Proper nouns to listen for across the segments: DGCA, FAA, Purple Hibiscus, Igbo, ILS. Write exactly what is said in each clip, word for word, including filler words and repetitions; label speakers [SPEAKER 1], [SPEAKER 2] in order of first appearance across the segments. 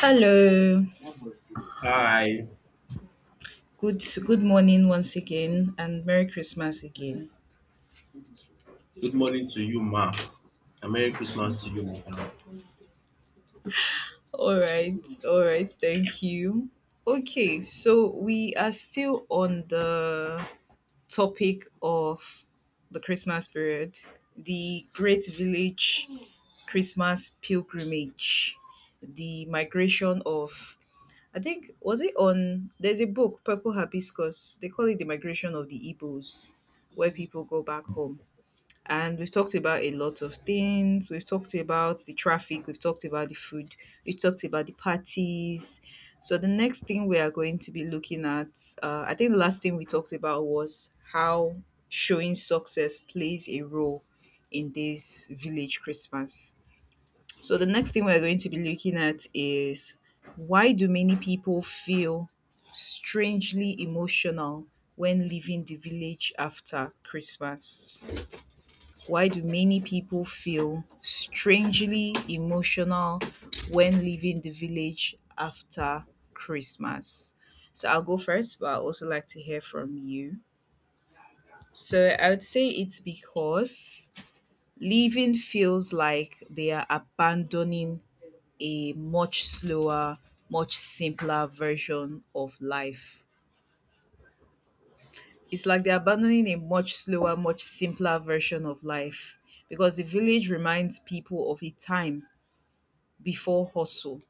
[SPEAKER 1] Hello.
[SPEAKER 2] Hi,
[SPEAKER 1] Good good morning once again and Merry Christmas again.
[SPEAKER 2] good morning to you, ma, and Merry Christmas to you, madam.
[SPEAKER 1] All right. All right. Thank you. Okay, so we are still on the topic of the Christmas period, the Great Village Christmas pilgrimage, the migration of — I think, was it on — there's a book, Purple Hibiscus. They call it the migration of the Igbos, where people go back home, and we've talked about a lot of things. We've talked about the traffic, we've talked about the food, we've talked about the parties. So, the next thing we are going to be looking at, uh, I think the last thing we talked about was how showing success plays a role in this village Christmas. So the next thing we're going to be looking at is, why do many people feel strangely emotional when leaving the village after Christmas? Why do many people feel strangely emotional when leaving the village after Christmas? So I'll go first, but I'd also like to hear from you. So I would say it's because leaving feels like they are abandoning a much slower, much simpler version of life. It's like they're abandoning a much slower, much simpler version of life, because the village reminds people of a time before hustle,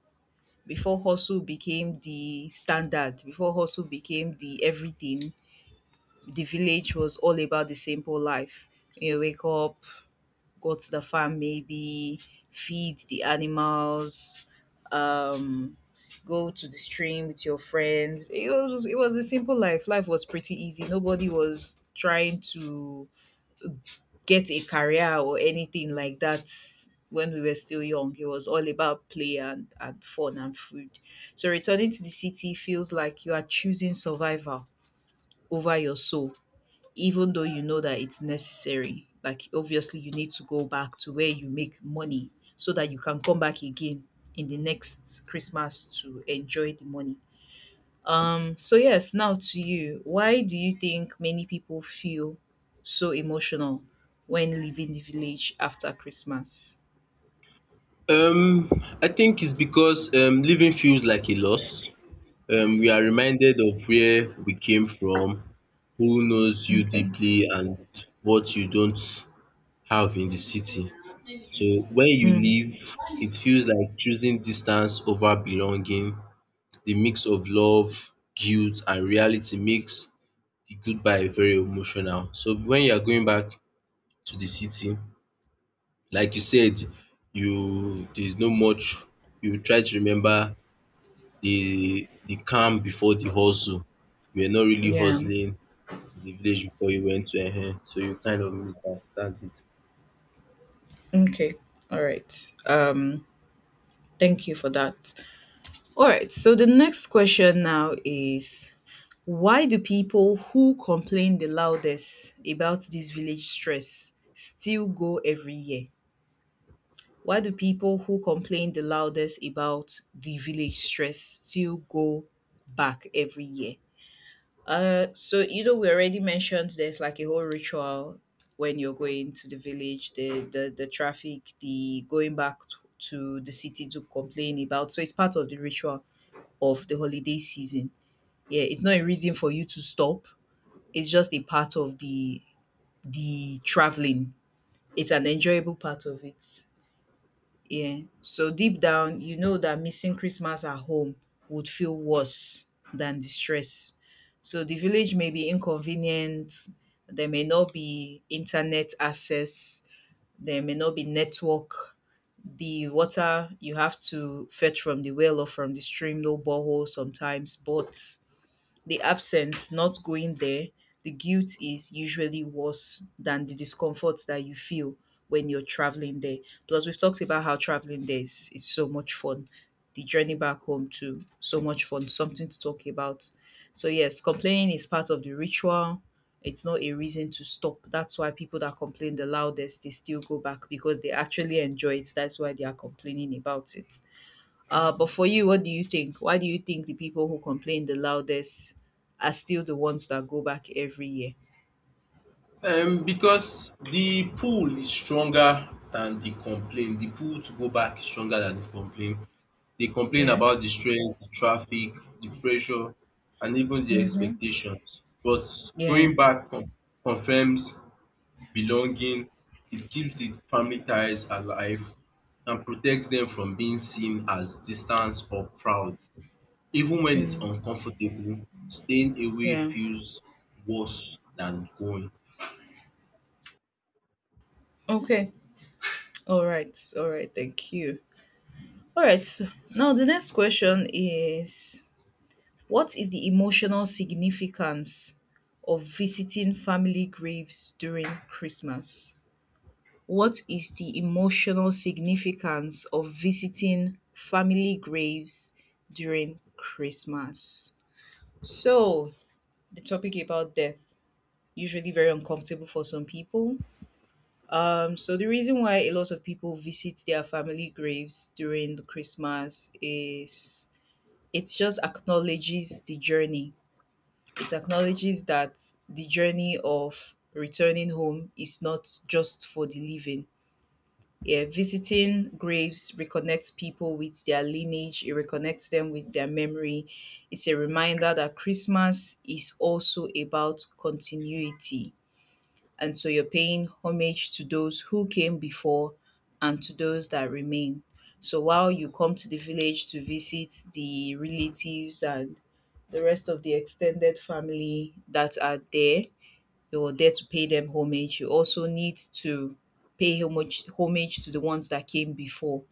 [SPEAKER 1] before hustle became the standard, before hustle became the everything. The village was all about the simple life. You wake up, go to the farm maybe, feed the animals, um go to the stream with your friends. It was it was a simple life. Life was pretty easy. Nobody was trying to get a career or anything like that when we were still young. It was all about play and, and fun and food. So returning to the city feels like you are choosing survival over your soul, even though you know that it's necessary. Like, obviously, you need to go back to where you make money so that you can come back again in the next Christmas to enjoy the money. Um, so yes, now to you. Why do you think many people feel so emotional when leaving the village after Christmas?
[SPEAKER 2] Um, I think it's because um, living feels like a loss. Um, we are reminded of where we came from, who knows you
[SPEAKER 1] Okay.
[SPEAKER 2] deeply, and what you don't have in the city. So when you
[SPEAKER 1] Mm,
[SPEAKER 2] leave, it feels like choosing distance over belonging. The mix of love, guilt, and reality makes the goodbye very emotional. So when you are going back to the city, like you said, you there's no much you try to remember the the calm before the hustle. You were not really
[SPEAKER 1] yeah.
[SPEAKER 2] hustling in the village before you went to um so you kind of miss that. That's it.
[SPEAKER 1] Okay. All right. Um, thank you for that. All right. So the next question now is, why do people who complain the loudest about this village stress still go every year? Why do people who complain the loudest about the village stress still go back every year? Uh, so you know, we already mentioned there's like a whole ritual when you're going to the village, the the the traffic, the going back t- to the city to complain about. So it's part of the ritual of the holiday season. Yeah, it's not a reason for you to stop. It's just a part of the the traveling. It's an enjoyable part of it. Yeah. So deep down, you know that missing Christmas at home would feel worse than the stress. So the village may be inconvenient. There may not be internet access. There may not be network. The water, you have to fetch from the well or from the stream, no borehole sometimes. But the absence, not going there, the guilt is usually worse than the discomfort that you feel when you're traveling there. Plus, we've talked about how traveling there is, is so much fun. The journey back home, too, so much fun, something to talk about. So, yes, complaining is part of the ritual. It's not a reason to stop. That's why people that complain the loudest, they still go back, because they actually enjoy it. That's why they are complaining about it. Uh, but for you, what do you think? Why do you think the people who complain the loudest are still the ones that go back every year?
[SPEAKER 2] Um because the pull is stronger than the complaint. The pull to go back is stronger than the complaint. They complain
[SPEAKER 1] Yeah.
[SPEAKER 2] about the strength, the traffic, the pressure, and even the
[SPEAKER 1] Mm.
[SPEAKER 2] expectations. But
[SPEAKER 1] Yeah.
[SPEAKER 2] going back con confirms belonging. It keeps the family ties alive and protects them from being seen as distant or proud. Even when it's uncomfortable, staying away
[SPEAKER 1] Yeah.
[SPEAKER 2] feels worse than going.
[SPEAKER 1] Okay. All right. All right. Thank you. All right. So now the next question is, what is the emotional significance of visiting family graves during Christmas? What is the emotional significance of visiting family graves during Christmas? So, the topic about death, usually very uncomfortable for some people. Um, so the reason why a lot of people visit their family graves during the Christmas is, it just acknowledges the journey. It acknowledges that the journey of returning home is not just for the living. Yeah, visiting graves reconnects people with their lineage, it reconnects them with their memory. It's a reminder that Christmas is also about continuity. And so you're paying homage to those who came before and to those that remain. So while you come to the village to visit the relatives and the rest of the extended family that are there, you're there to pay them homage. You also need to pay homage homage to the ones that came before,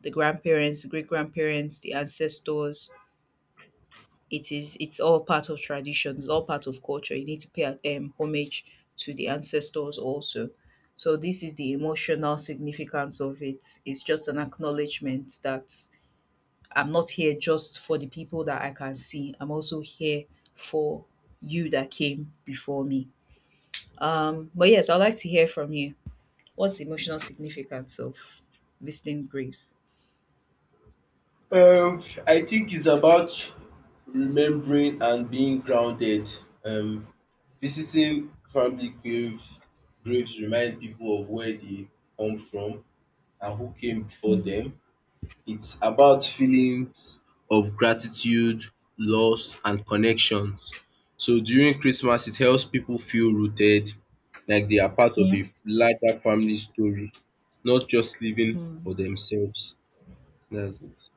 [SPEAKER 1] the grandparents, great grandparents, the ancestors. It is it's all part of tradition. It's all part of culture. You need to pay um, homage to the ancestors also. So this is the emotional significance of it. It's just an acknowledgement that I'm not here just for the people that I can see. I'm also here for you that came before me. Um, but yes, I'd like to hear from you. What's the emotional significance of visiting graves?
[SPEAKER 2] Um, I think it's about remembering and being grounded. Um, visiting family grave, graves remind people of where they come from and who came before
[SPEAKER 1] Mm,
[SPEAKER 2] them. It's about feelings of gratitude, loss, and connections. So during Christmas, it helps people feel rooted, like they are part of
[SPEAKER 1] yeah.
[SPEAKER 2] a larger family story, not just living
[SPEAKER 1] Mm,
[SPEAKER 2] for themselves. That's it.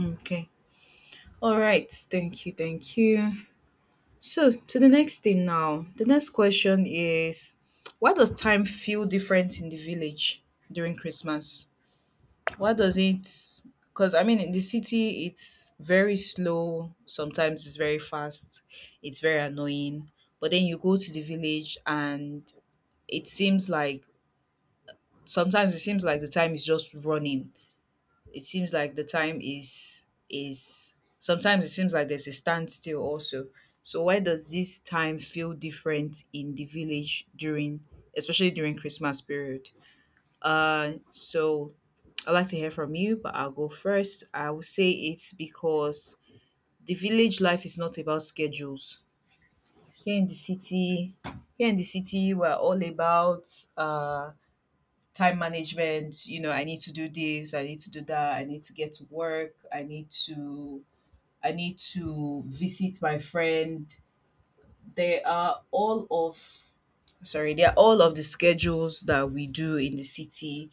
[SPEAKER 1] okay. All right. Thank you. Thank you. So, to the next thing now. The next question is, why does time feel different in the village during Christmas? Why does it? Because, I mean, in the city, it's very slow. Sometimes it's very fast. It's very annoying. But then you go to the village and it seems like — sometimes it seems like the time is just running, it seems like the time is is sometimes it seems like there's a standstill also. So why does this time feel different in the village during — especially during Christmas period? Uh so I'd like to hear from you, but I'll go first. I will say it's because the village life is not about schedules. Here in the city, here in the city, we're all about uh time management. You know, I need to do this, I need to do that, I need to get to work, i need to i need to visit my friend. They are all of — sorry they are all of the schedules that we do in the city.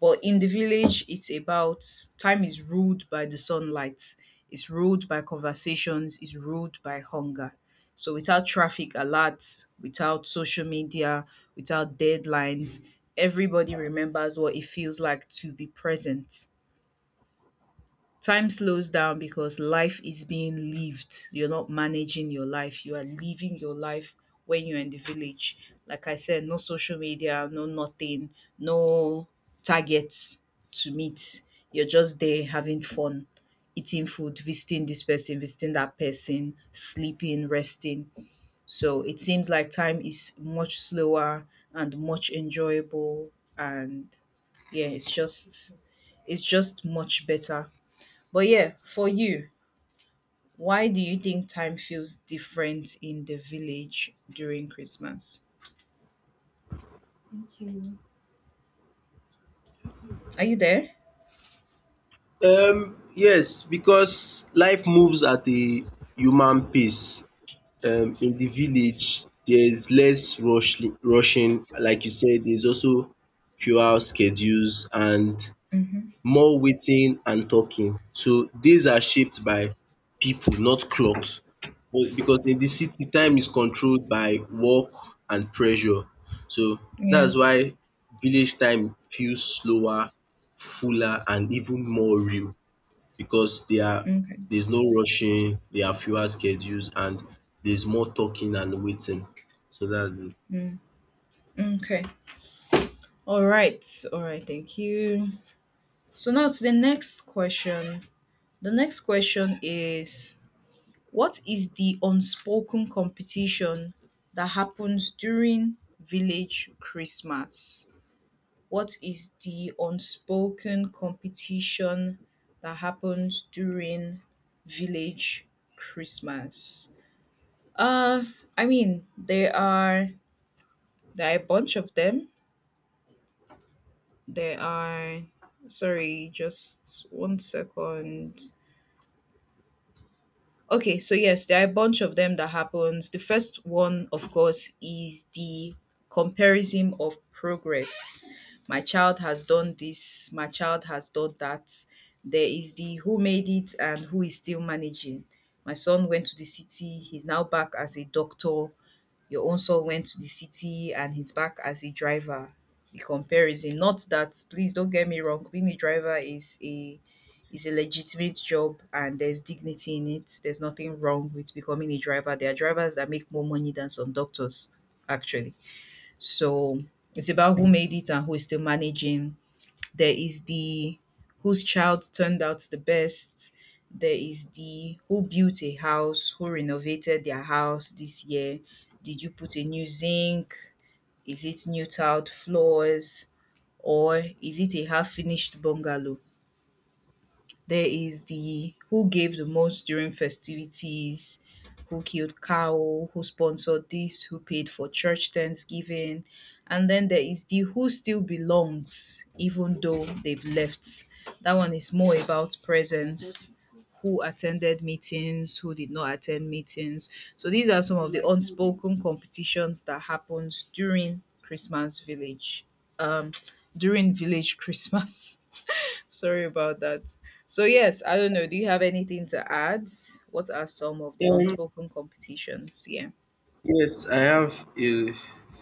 [SPEAKER 1] But in the village, it's about — time is ruled by the sunlight, it's ruled by conversations, it's ruled by hunger. So without traffic alerts, without social media, without deadlines, everybody remembers what it feels like to be present. Time slows down because life is being lived. You're not managing your life. You are living your life when you're in the village. Like I said, no social media, no nothing, no targets to meet. You're just there having fun, eating food, visiting this person, visiting that person, sleeping, resting. So it seems like time is much slower and much enjoyable, and yeah, it's just it's just much better. But yeah, for you, why do you think time feels different in the village during Christmas? Are you there?
[SPEAKER 2] Um, yes, because life moves at a human pace. Um, in the village, there's less rush, rushing. Like you said, there's also fewer schedules and
[SPEAKER 1] Mm-hmm.
[SPEAKER 2] more waiting and talking. So days are shaped by people, not clocks. But because in the city, time is controlled by work and pressure. So
[SPEAKER 1] Yeah.
[SPEAKER 2] that's why village time feels slower, fuller, and even more real because they are
[SPEAKER 1] Okay.
[SPEAKER 2] there's no rushing, there are fewer schedules, and there's more talking and waiting. So that's
[SPEAKER 1] Mm, okay. All right. All right. Thank you. So now to the next question. The next question is, what is the unspoken competition that happens during village Christmas? What is the unspoken competition that happens during village Christmas? Uh, I mean, there are there are a bunch of them. There are — sorry, just one second. Okay, so yes, there are a bunch of them that happens. The first one, of course, is the comparison of progress. My child has done this, my child has done that. There is the who made it and who is still managing. My son went to the city, he's now back as a doctor. Your own son went to the city and he's back as a driver. The comparison — not that, please don't get me wrong, being a driver is a is a legitimate job, and there's dignity in it. There's nothing wrong with becoming a driver. There are drivers that make more money than some doctors, actually. So it's about who made it and who is still managing. There is the whose child turned out the best. There is the who built a house, who renovated their house this year. Did you put a new zinc? Is it new tiled floors? Or is it a half finished bungalow? There is the who gave the most during festivities, who killed cow, who sponsored this, who paid for church thanksgiving. And then there is the who still belongs, even though they've left. That one is more about presence. Who attended meetings, who did not attend meetings. So these are some of the unspoken competitions that happens during Christmas village. Um During village Christmas. Sorry about that. So yes, I don't know. Do you have anything to add? What are some of the
[SPEAKER 2] it. Um,
[SPEAKER 1] unspoken competitions? Yeah.
[SPEAKER 2] yes, I have a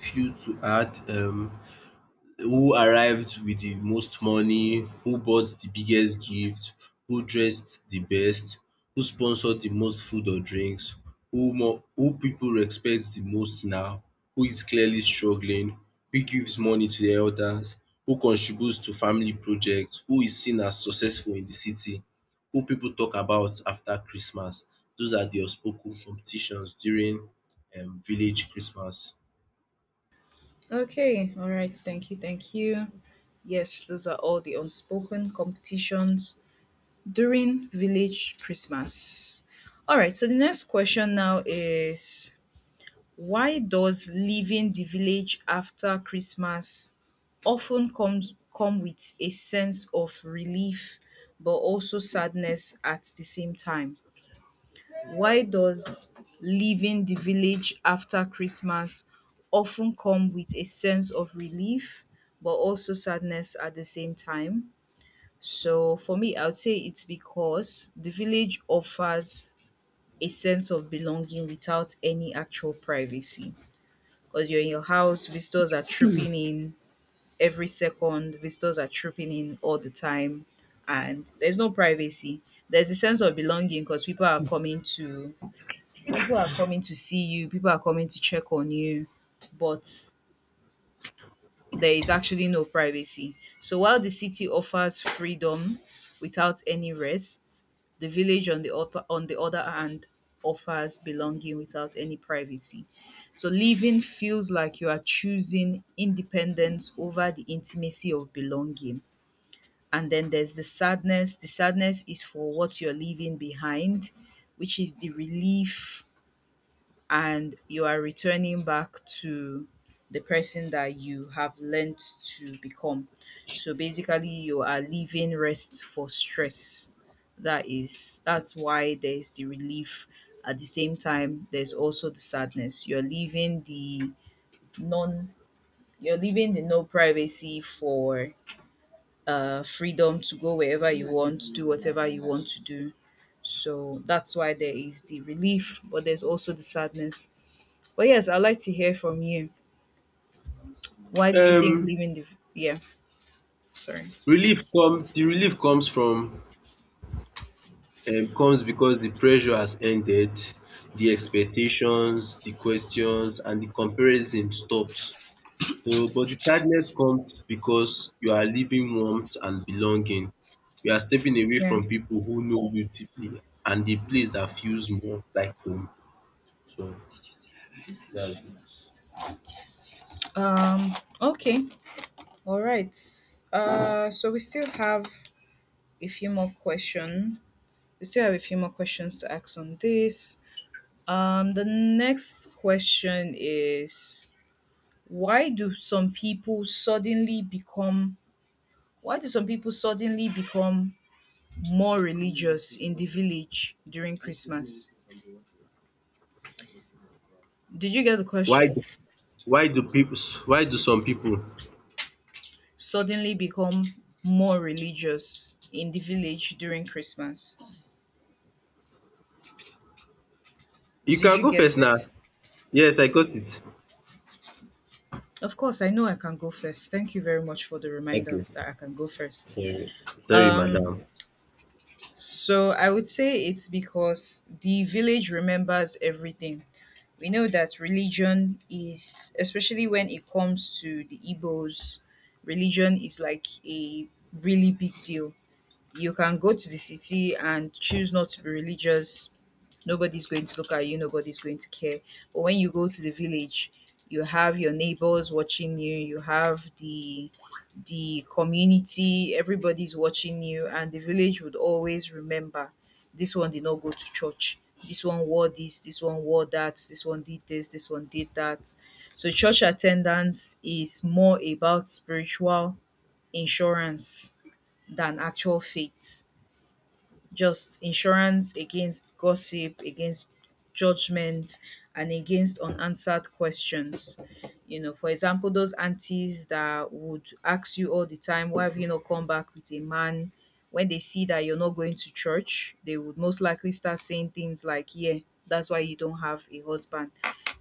[SPEAKER 2] few to add. Um, who arrived with the most money, who bought the biggest gift, who dressed the best, who sponsored the most food or drinks, who more who people respect the most now, who is clearly struggling, who gives money to the elders, who contributes to family projects, who is seen as successful in the city, who people talk about after Christmas. Those are the unspoken competitions during um village Christmas.
[SPEAKER 1] Okay. All right. Thank you. Thank you. Yes, those are all the unspoken competitions during village Christmas. All right. So the next question now is why does leaving the village after Christmas often comes come with a sense of relief but also sadness at the same time? Why does leaving the village after Christmas often come with a sense of relief but also sadness at the same time? So for me, I would say it's because the village offers a sense of belonging without any actual privacy. Because you're in your house, visitors are trooping in every second, visitors are trooping in all the time, and there's no privacy. There's a sense of belonging because people are coming to people are coming to see you, people are coming to check on you, but there is actually no privacy. So while the city offers freedom without any rest, the village on the upper, on the other hand offers belonging without any privacy. So living feels like you are choosing independence over the intimacy of belonging. And then there's the sadness. The sadness is for what you're leaving behind, which is the relief, and you are returning back to the person that you have learned to become. So basically you are leaving rest for stress. That is that's why there's the relief. At the same time, there's also the sadness. You're leaving the non you're leaving the no privacy for uh freedom to go wherever you want, do whatever you want to do. So that's why there is the relief, but there's also the sadness. But yes, I'd like to hear from you. Why do you think
[SPEAKER 2] Um
[SPEAKER 1] leaving the? Yeah, sorry.
[SPEAKER 2] Relief come The relief comes from um comes because the pressure has ended, the expectations, the questions, and the comparison stops. So but the sadness comes because you are leaving warmth and belonging. You are stepping away
[SPEAKER 1] Yeah.
[SPEAKER 2] from people who know you deeply and the place that feels more like home. So that's it.
[SPEAKER 1] Um okay. All right. Uh so we still have a few more questions. We still have a few more questions to ask on this. Um the next question is why do some people suddenly become why do some people suddenly become more religious in the village during Christmas? Did you get the
[SPEAKER 2] Why
[SPEAKER 1] question?
[SPEAKER 2] do why do people why do some people?
[SPEAKER 1] Suddenly become more religious in the village during Christmas.
[SPEAKER 2] You
[SPEAKER 1] Did
[SPEAKER 2] can
[SPEAKER 1] you
[SPEAKER 2] go
[SPEAKER 1] get
[SPEAKER 2] first now.
[SPEAKER 1] it?
[SPEAKER 2] Yes, I got it.
[SPEAKER 1] Of course, I know I can go first. Thank you very much for the
[SPEAKER 2] Okay.
[SPEAKER 1] reminder that I can go first.
[SPEAKER 2] Sorry. Sorry,
[SPEAKER 1] Um,
[SPEAKER 2] madam.
[SPEAKER 1] so I would say it's because the village remembers everything. We know that religion is, especially when it comes to the Igbos, religion is like a really big deal. You can go to the city and choose not to be religious. Nobody's going to look at you, nobody's going to care. But when you go to the village, you have your neighbors watching you, you have the the community, everybody's watching you, and the village would always remember this one did not go to church. This one wore this, this one wore that, this one did this, this one did that. So church attendance is more about spiritual insurance than actual faith, just insurance against gossip, against judgment, and against unanswered questions. You know, for example, those aunties that would ask you all the time, why have you not come back with a man? When they see that you're not going to church, they would most likely start saying things like, yeah, that's why you don't have a husband,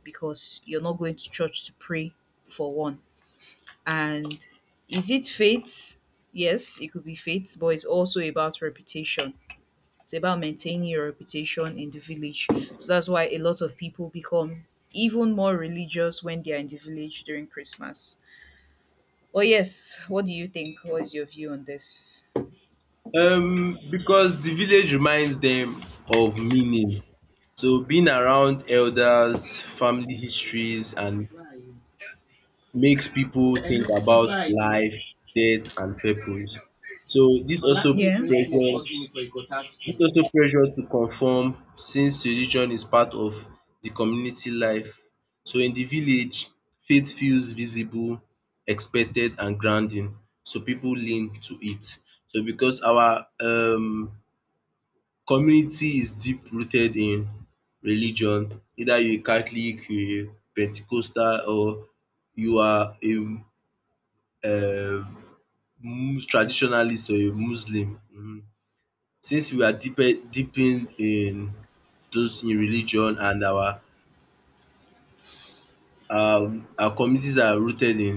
[SPEAKER 1] because you're not going to church to pray for one. And is it fate? Yes, it could be fate, but it's also about reputation. It's about maintaining your reputation in the village. So that's why a lot of people become even more religious when they are in the village during Christmas. But yes, what do you think? What is your view on this?
[SPEAKER 2] Um, because the village reminds them of meaning. So being around elders, family histories, and
[SPEAKER 1] Where are you?
[SPEAKER 2] makes people think
[SPEAKER 1] Hello, please,
[SPEAKER 2] about
[SPEAKER 1] where are you?
[SPEAKER 2] life, death, and purpose. So this
[SPEAKER 1] Or
[SPEAKER 2] also
[SPEAKER 1] last week, yeah. Miss Mo
[SPEAKER 2] pressures
[SPEAKER 1] called me for a gutter school.
[SPEAKER 2] this also pressure to conform since religion is part of the community life. So in the village, faith feels visible, expected, and grounding. So people lean to it. So because our um community is deep rooted in religion, either you a Catholic, you a Pentecostal, or you are a um mus- traditionalist or a Muslim um. Since we are deeper deepened in those in religion and our um our communities are rooted in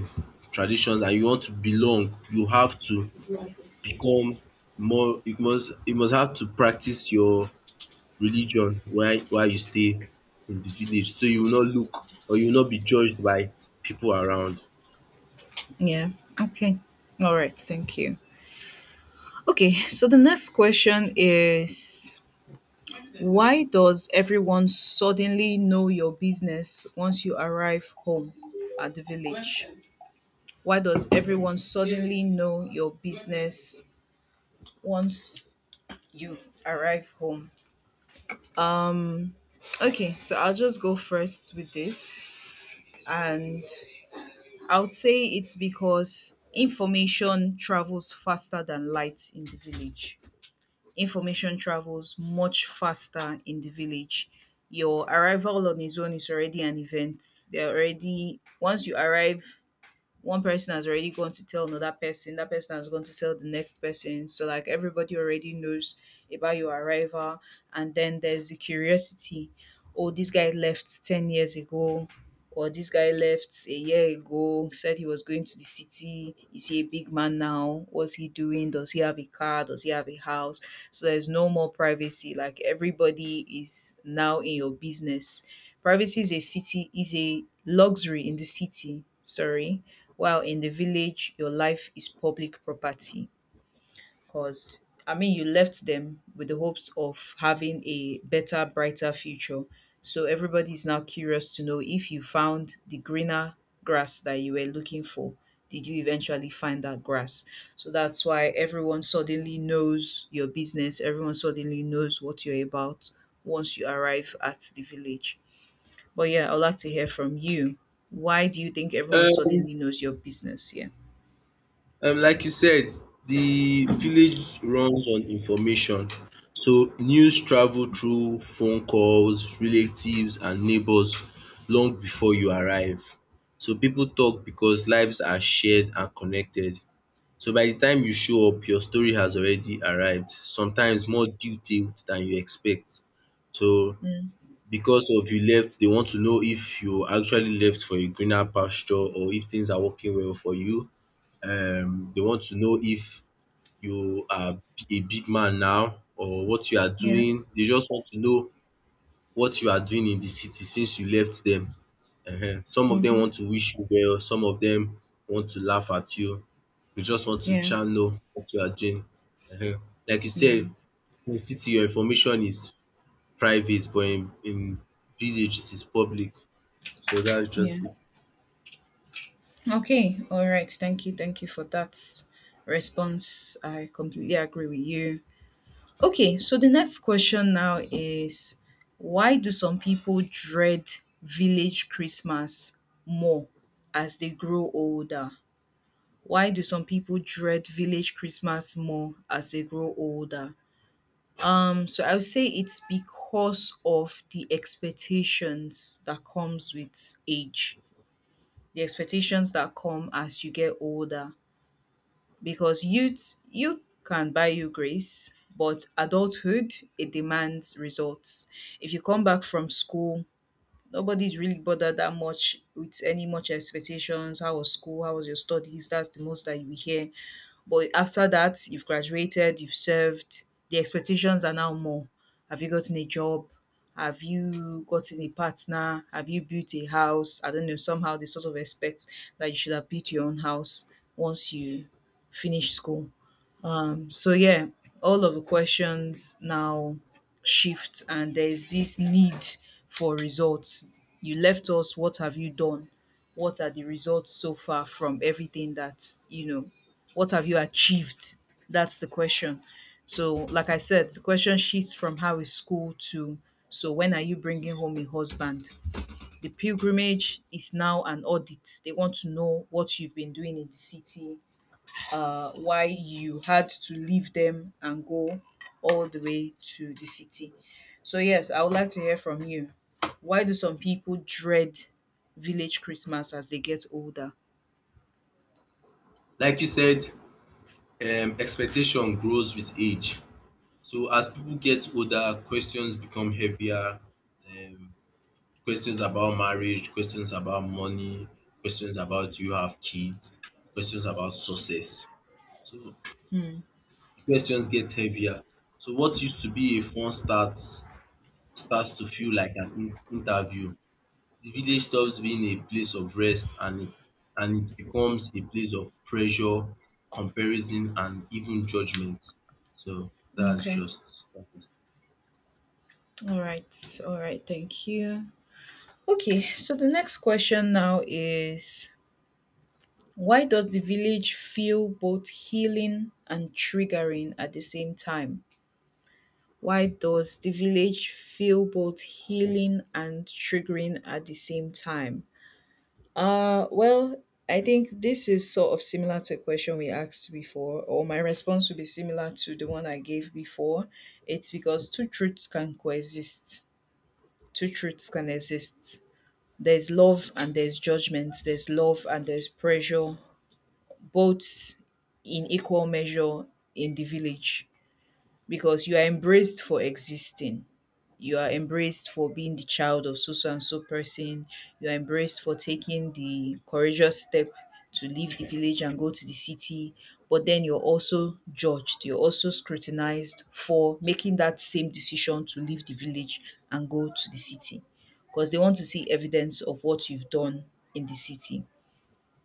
[SPEAKER 2] traditions and you want to belong, you have to become more you must you must have to practice your religion why why you stay in the village so you will not look or you will not be judged by people around.
[SPEAKER 1] Yeah. Okay. All right. Thank you. Okay. So the next question is why does everyone suddenly know your business once you arrive home at the village? Why does everyone suddenly know your business once you arrive home? Um, okay, so I'll just go first with this. And I would say it's because information travels faster than light in the village. Information travels much faster in the village. Your arrival on its own is already an event. They're already, once you arrive, one person has already gone to tell another person, that person has gone to tell the next person, so like everybody already knows about your arrival. And then there's the curiosity, oh, this guy left 10 years ago, or this guy left a year ago, said he was going to the city. Is he a big man now? What's he doing? Does he have a car? Does he have a house? So there's no more privacy, like everybody is now in your business. Privacy is a city is a luxury in the city, sorry, while in the village your life is public property. Because, I mean, you left them with the hopes of having a better, brighter future, so everybody is now curious to know if you found the greener grass that you were looking for. Did you eventually find that grass? So that's why everyone suddenly knows your business, everyone suddenly knows what you're about once you arrive at the village. But yeah, I'd like to hear from you. Why do you think everyone
[SPEAKER 2] Um
[SPEAKER 1] suddenly knows your business? Yeah.
[SPEAKER 2] um like you said, the village runs on information. So news travel through phone calls, relatives, and neighbours long before you arrive. So people talk because lives are shared and connected. So by the time you show up, your story has already arrived, sometimes more detailed than you expect. So
[SPEAKER 1] Mm,
[SPEAKER 2] because of you left, they want to know if you actually left for a greener pasture or if things are working well for you. Um they want to know if you are a big man now or what you are
[SPEAKER 1] yeah.
[SPEAKER 2] doing. They just want to know what you are doing in the city since you left them. Um some of them
[SPEAKER 1] Mhm.
[SPEAKER 2] want to wish you well, some of them want to laugh at you. They just want to
[SPEAKER 1] Yeah.
[SPEAKER 2] channel what you are doing. um like you
[SPEAKER 1] Yeah.
[SPEAKER 2] said, in city your information is private, but in in village it is public. So that's just
[SPEAKER 1] Yeah.
[SPEAKER 2] it.
[SPEAKER 1] Okay. All right. Thank you. Thank you for that response. I completely agree with you. Okay. So the next question now is why do some people dread village Christmas more as they grow older? Why do some people dread village Christmas more as they grow older? Um, so I would say it's because of the expectations that comes with age, the expectations that come as you get older, because youth youth can buy you grace, but adulthood, it demands results. If you come back from school, nobody's really bothered that much with any much expectations. How was school? How was your studies? That's the most that you hear. But after that, you've graduated, you've served, the expectations are now more. Have you gotten a job? Have you gotten a partner? Have you built a house? I don't know. Somehow they sort of expect that you should have built your own house once you finish school. Um, so yeah, all of the questions now shift, and there's this need for results. You left us. What have you done? What are the results so far from everything that you know? What have you achieved? That's the question. So, like I said, the question shifts from how is school to so when are you bringing home a husband? The pilgrimage is now an audit. They want to know what you've been doing in the city, uh, why you had to leave them and go all the way to the city. So, yes, I would like to hear from you. Why do some people dread village Christmas as they get older?
[SPEAKER 2] Like you said, um, expectation grows with age. So as people get older, questions become heavier. Um, questions about marriage, questions about money, questions about do you have kids, questions about success. So questions get heavier. So what used to be a fun start starts to feel like an in- interview. The village stops being a place of rest and it, and it becomes a place of pressure, comparison, and even judgment. So that's
[SPEAKER 1] Okay.
[SPEAKER 2] just that is-
[SPEAKER 1] All right. All right. Thank you. Okay, so the next question now is why does the village feel both healing and triggering at the same time? Why does the village feel both healing and triggering at the same time? Uh, well, I think this is sort of similar to a question we asked before, or my response would be similar to the one I gave before. It's because two truths can coexist. Two truths can exist. There's love and there's judgment. There's love and there's pressure, both in equal measure in the village, because you are embraced for existing. You are embraced for being the child of so so and so person. You are embraced for taking the courageous step to leave the village and go to the city. But then you're also judged. You're also scrutinized for making that same decision to leave the village and go to the city, because they want to see evidence of what you've done in the city.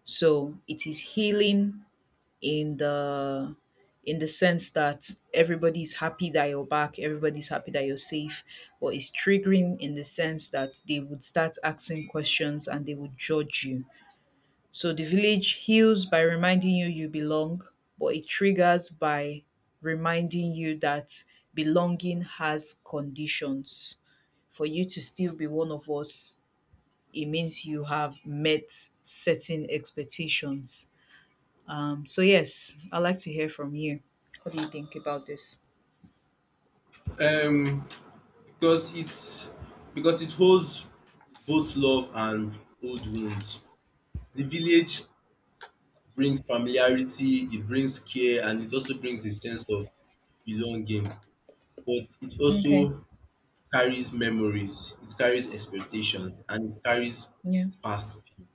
[SPEAKER 1] So it is healing in the in the sense that everybody's happy that you're back, everybody's happy that you're safe, but it's triggering in the sense that they would start asking questions and they would judge you. So the village heals by reminding you you belong, but it triggers by reminding you that belonging has conditions. For you to still be one of us, it means you have met certain expectations. Um, so yes, I'd like to hear from you. What do you think about this?
[SPEAKER 2] um because it's because it holds both love and old wounds. The village brings familiarity, it brings care, and it also brings a sense of belonging. But it
[SPEAKER 1] Okay.
[SPEAKER 2] also carries memories, it carries expectations, and it carries
[SPEAKER 1] Yeah.
[SPEAKER 2] past pain.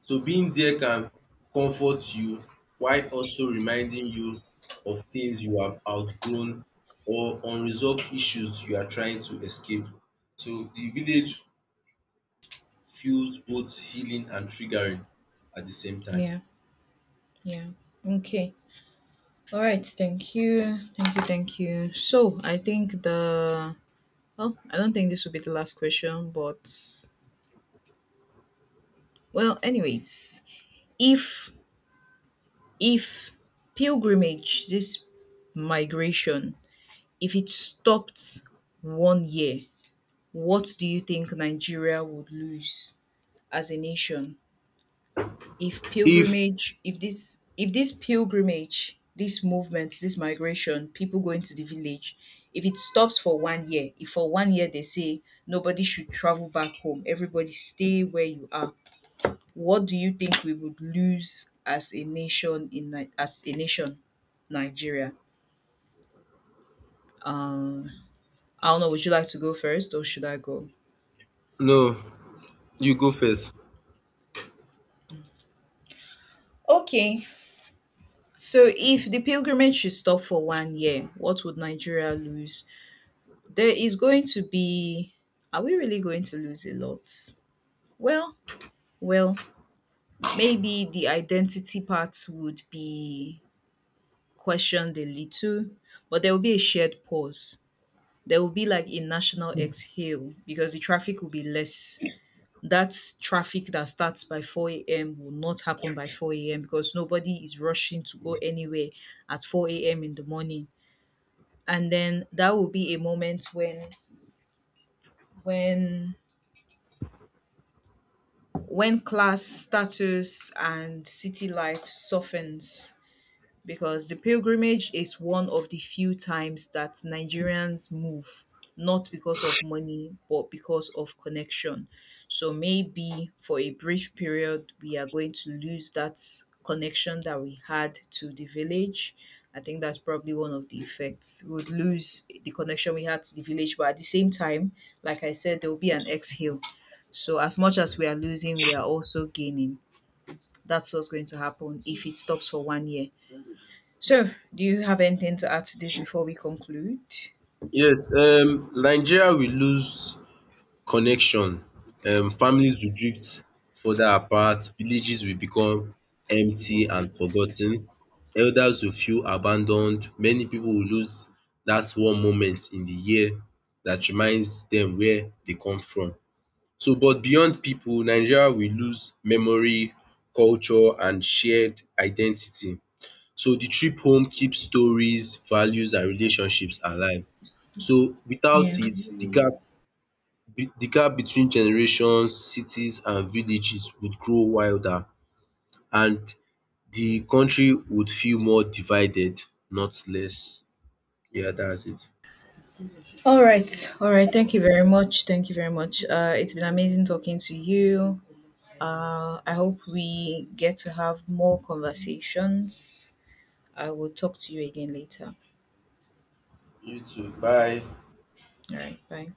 [SPEAKER 2] So being there can comfort you while also reminding you of things you have outgrown or unresolved issues you are trying to escape. So the village feels both healing and triggering at the same time.
[SPEAKER 1] Yeah. Yeah. Okay. All right. Thank you. Thank you. Thank you. So I think, the well, I don't think this will be the last question, but well, anyways, if if pilgrimage, this migration, if it stopped one year, what do you think Nigeria would lose as a nation? If
[SPEAKER 2] If
[SPEAKER 1] pilgrimage, if this if this pilgrimage, this movement, this migration, people going to the village, if it stops for one year, if for one year they say nobody should travel back home, everybody stay where you are, what do you think we would lose as a nation, in Ni- as a nation, Nigeria? um I don't know. Would you like to go first or should I go?
[SPEAKER 2] no, you go first.
[SPEAKER 1] Okay, so if the pilgrimage should stop for one year, what would Nigeria lose? There is going to be, are we really going to lose a lot? Well, well, maybe the identity part would be questioned a little, but there will be a shared pause. There will be like a national exhale because the traffic will be less. That traffic that starts by four a m will not happen by four a m because nobody is rushing to go anywhere at four a m in the morning. And then that will be a moment when when when class status, and city life softens, because the pilgrimage is one of the few times that Nigerians move, not because of money, but because of connection. So maybe for a brief period, we are going to lose that connection that we had to the village. I think that's probably one of the effects. We would lose the connection we had to the village, but at the same time, like I said, there will be an exhale. So as much as we are losing, we are also gaining. That's what's going to happen if it stops for one year. So, do you have anything to add to this before we conclude?
[SPEAKER 2] Yes, um Nigeria will lose connection. Um families will drift further apart, villages will become empty and forgotten. Elders will feel abandoned, many people will lose that one moment in the year that reminds them where they come from. So but beyond people, Nigeria will lose memory, culture, and shared identity. So the trip home keeps stories, values, and relationships alive. So without
[SPEAKER 1] Yeah.
[SPEAKER 2] it the gap the gap between generations, cities, and villages would grow wider, and the country would feel more divided, not less. Yeah, that's it.
[SPEAKER 1] All right. All right. Thank you very much. Thank you very much. Uh, it's been amazing talking to you. Uh, I hope we get to have more conversations. I will talk to you again later.
[SPEAKER 2] You too. Bye.
[SPEAKER 1] All right. Bye.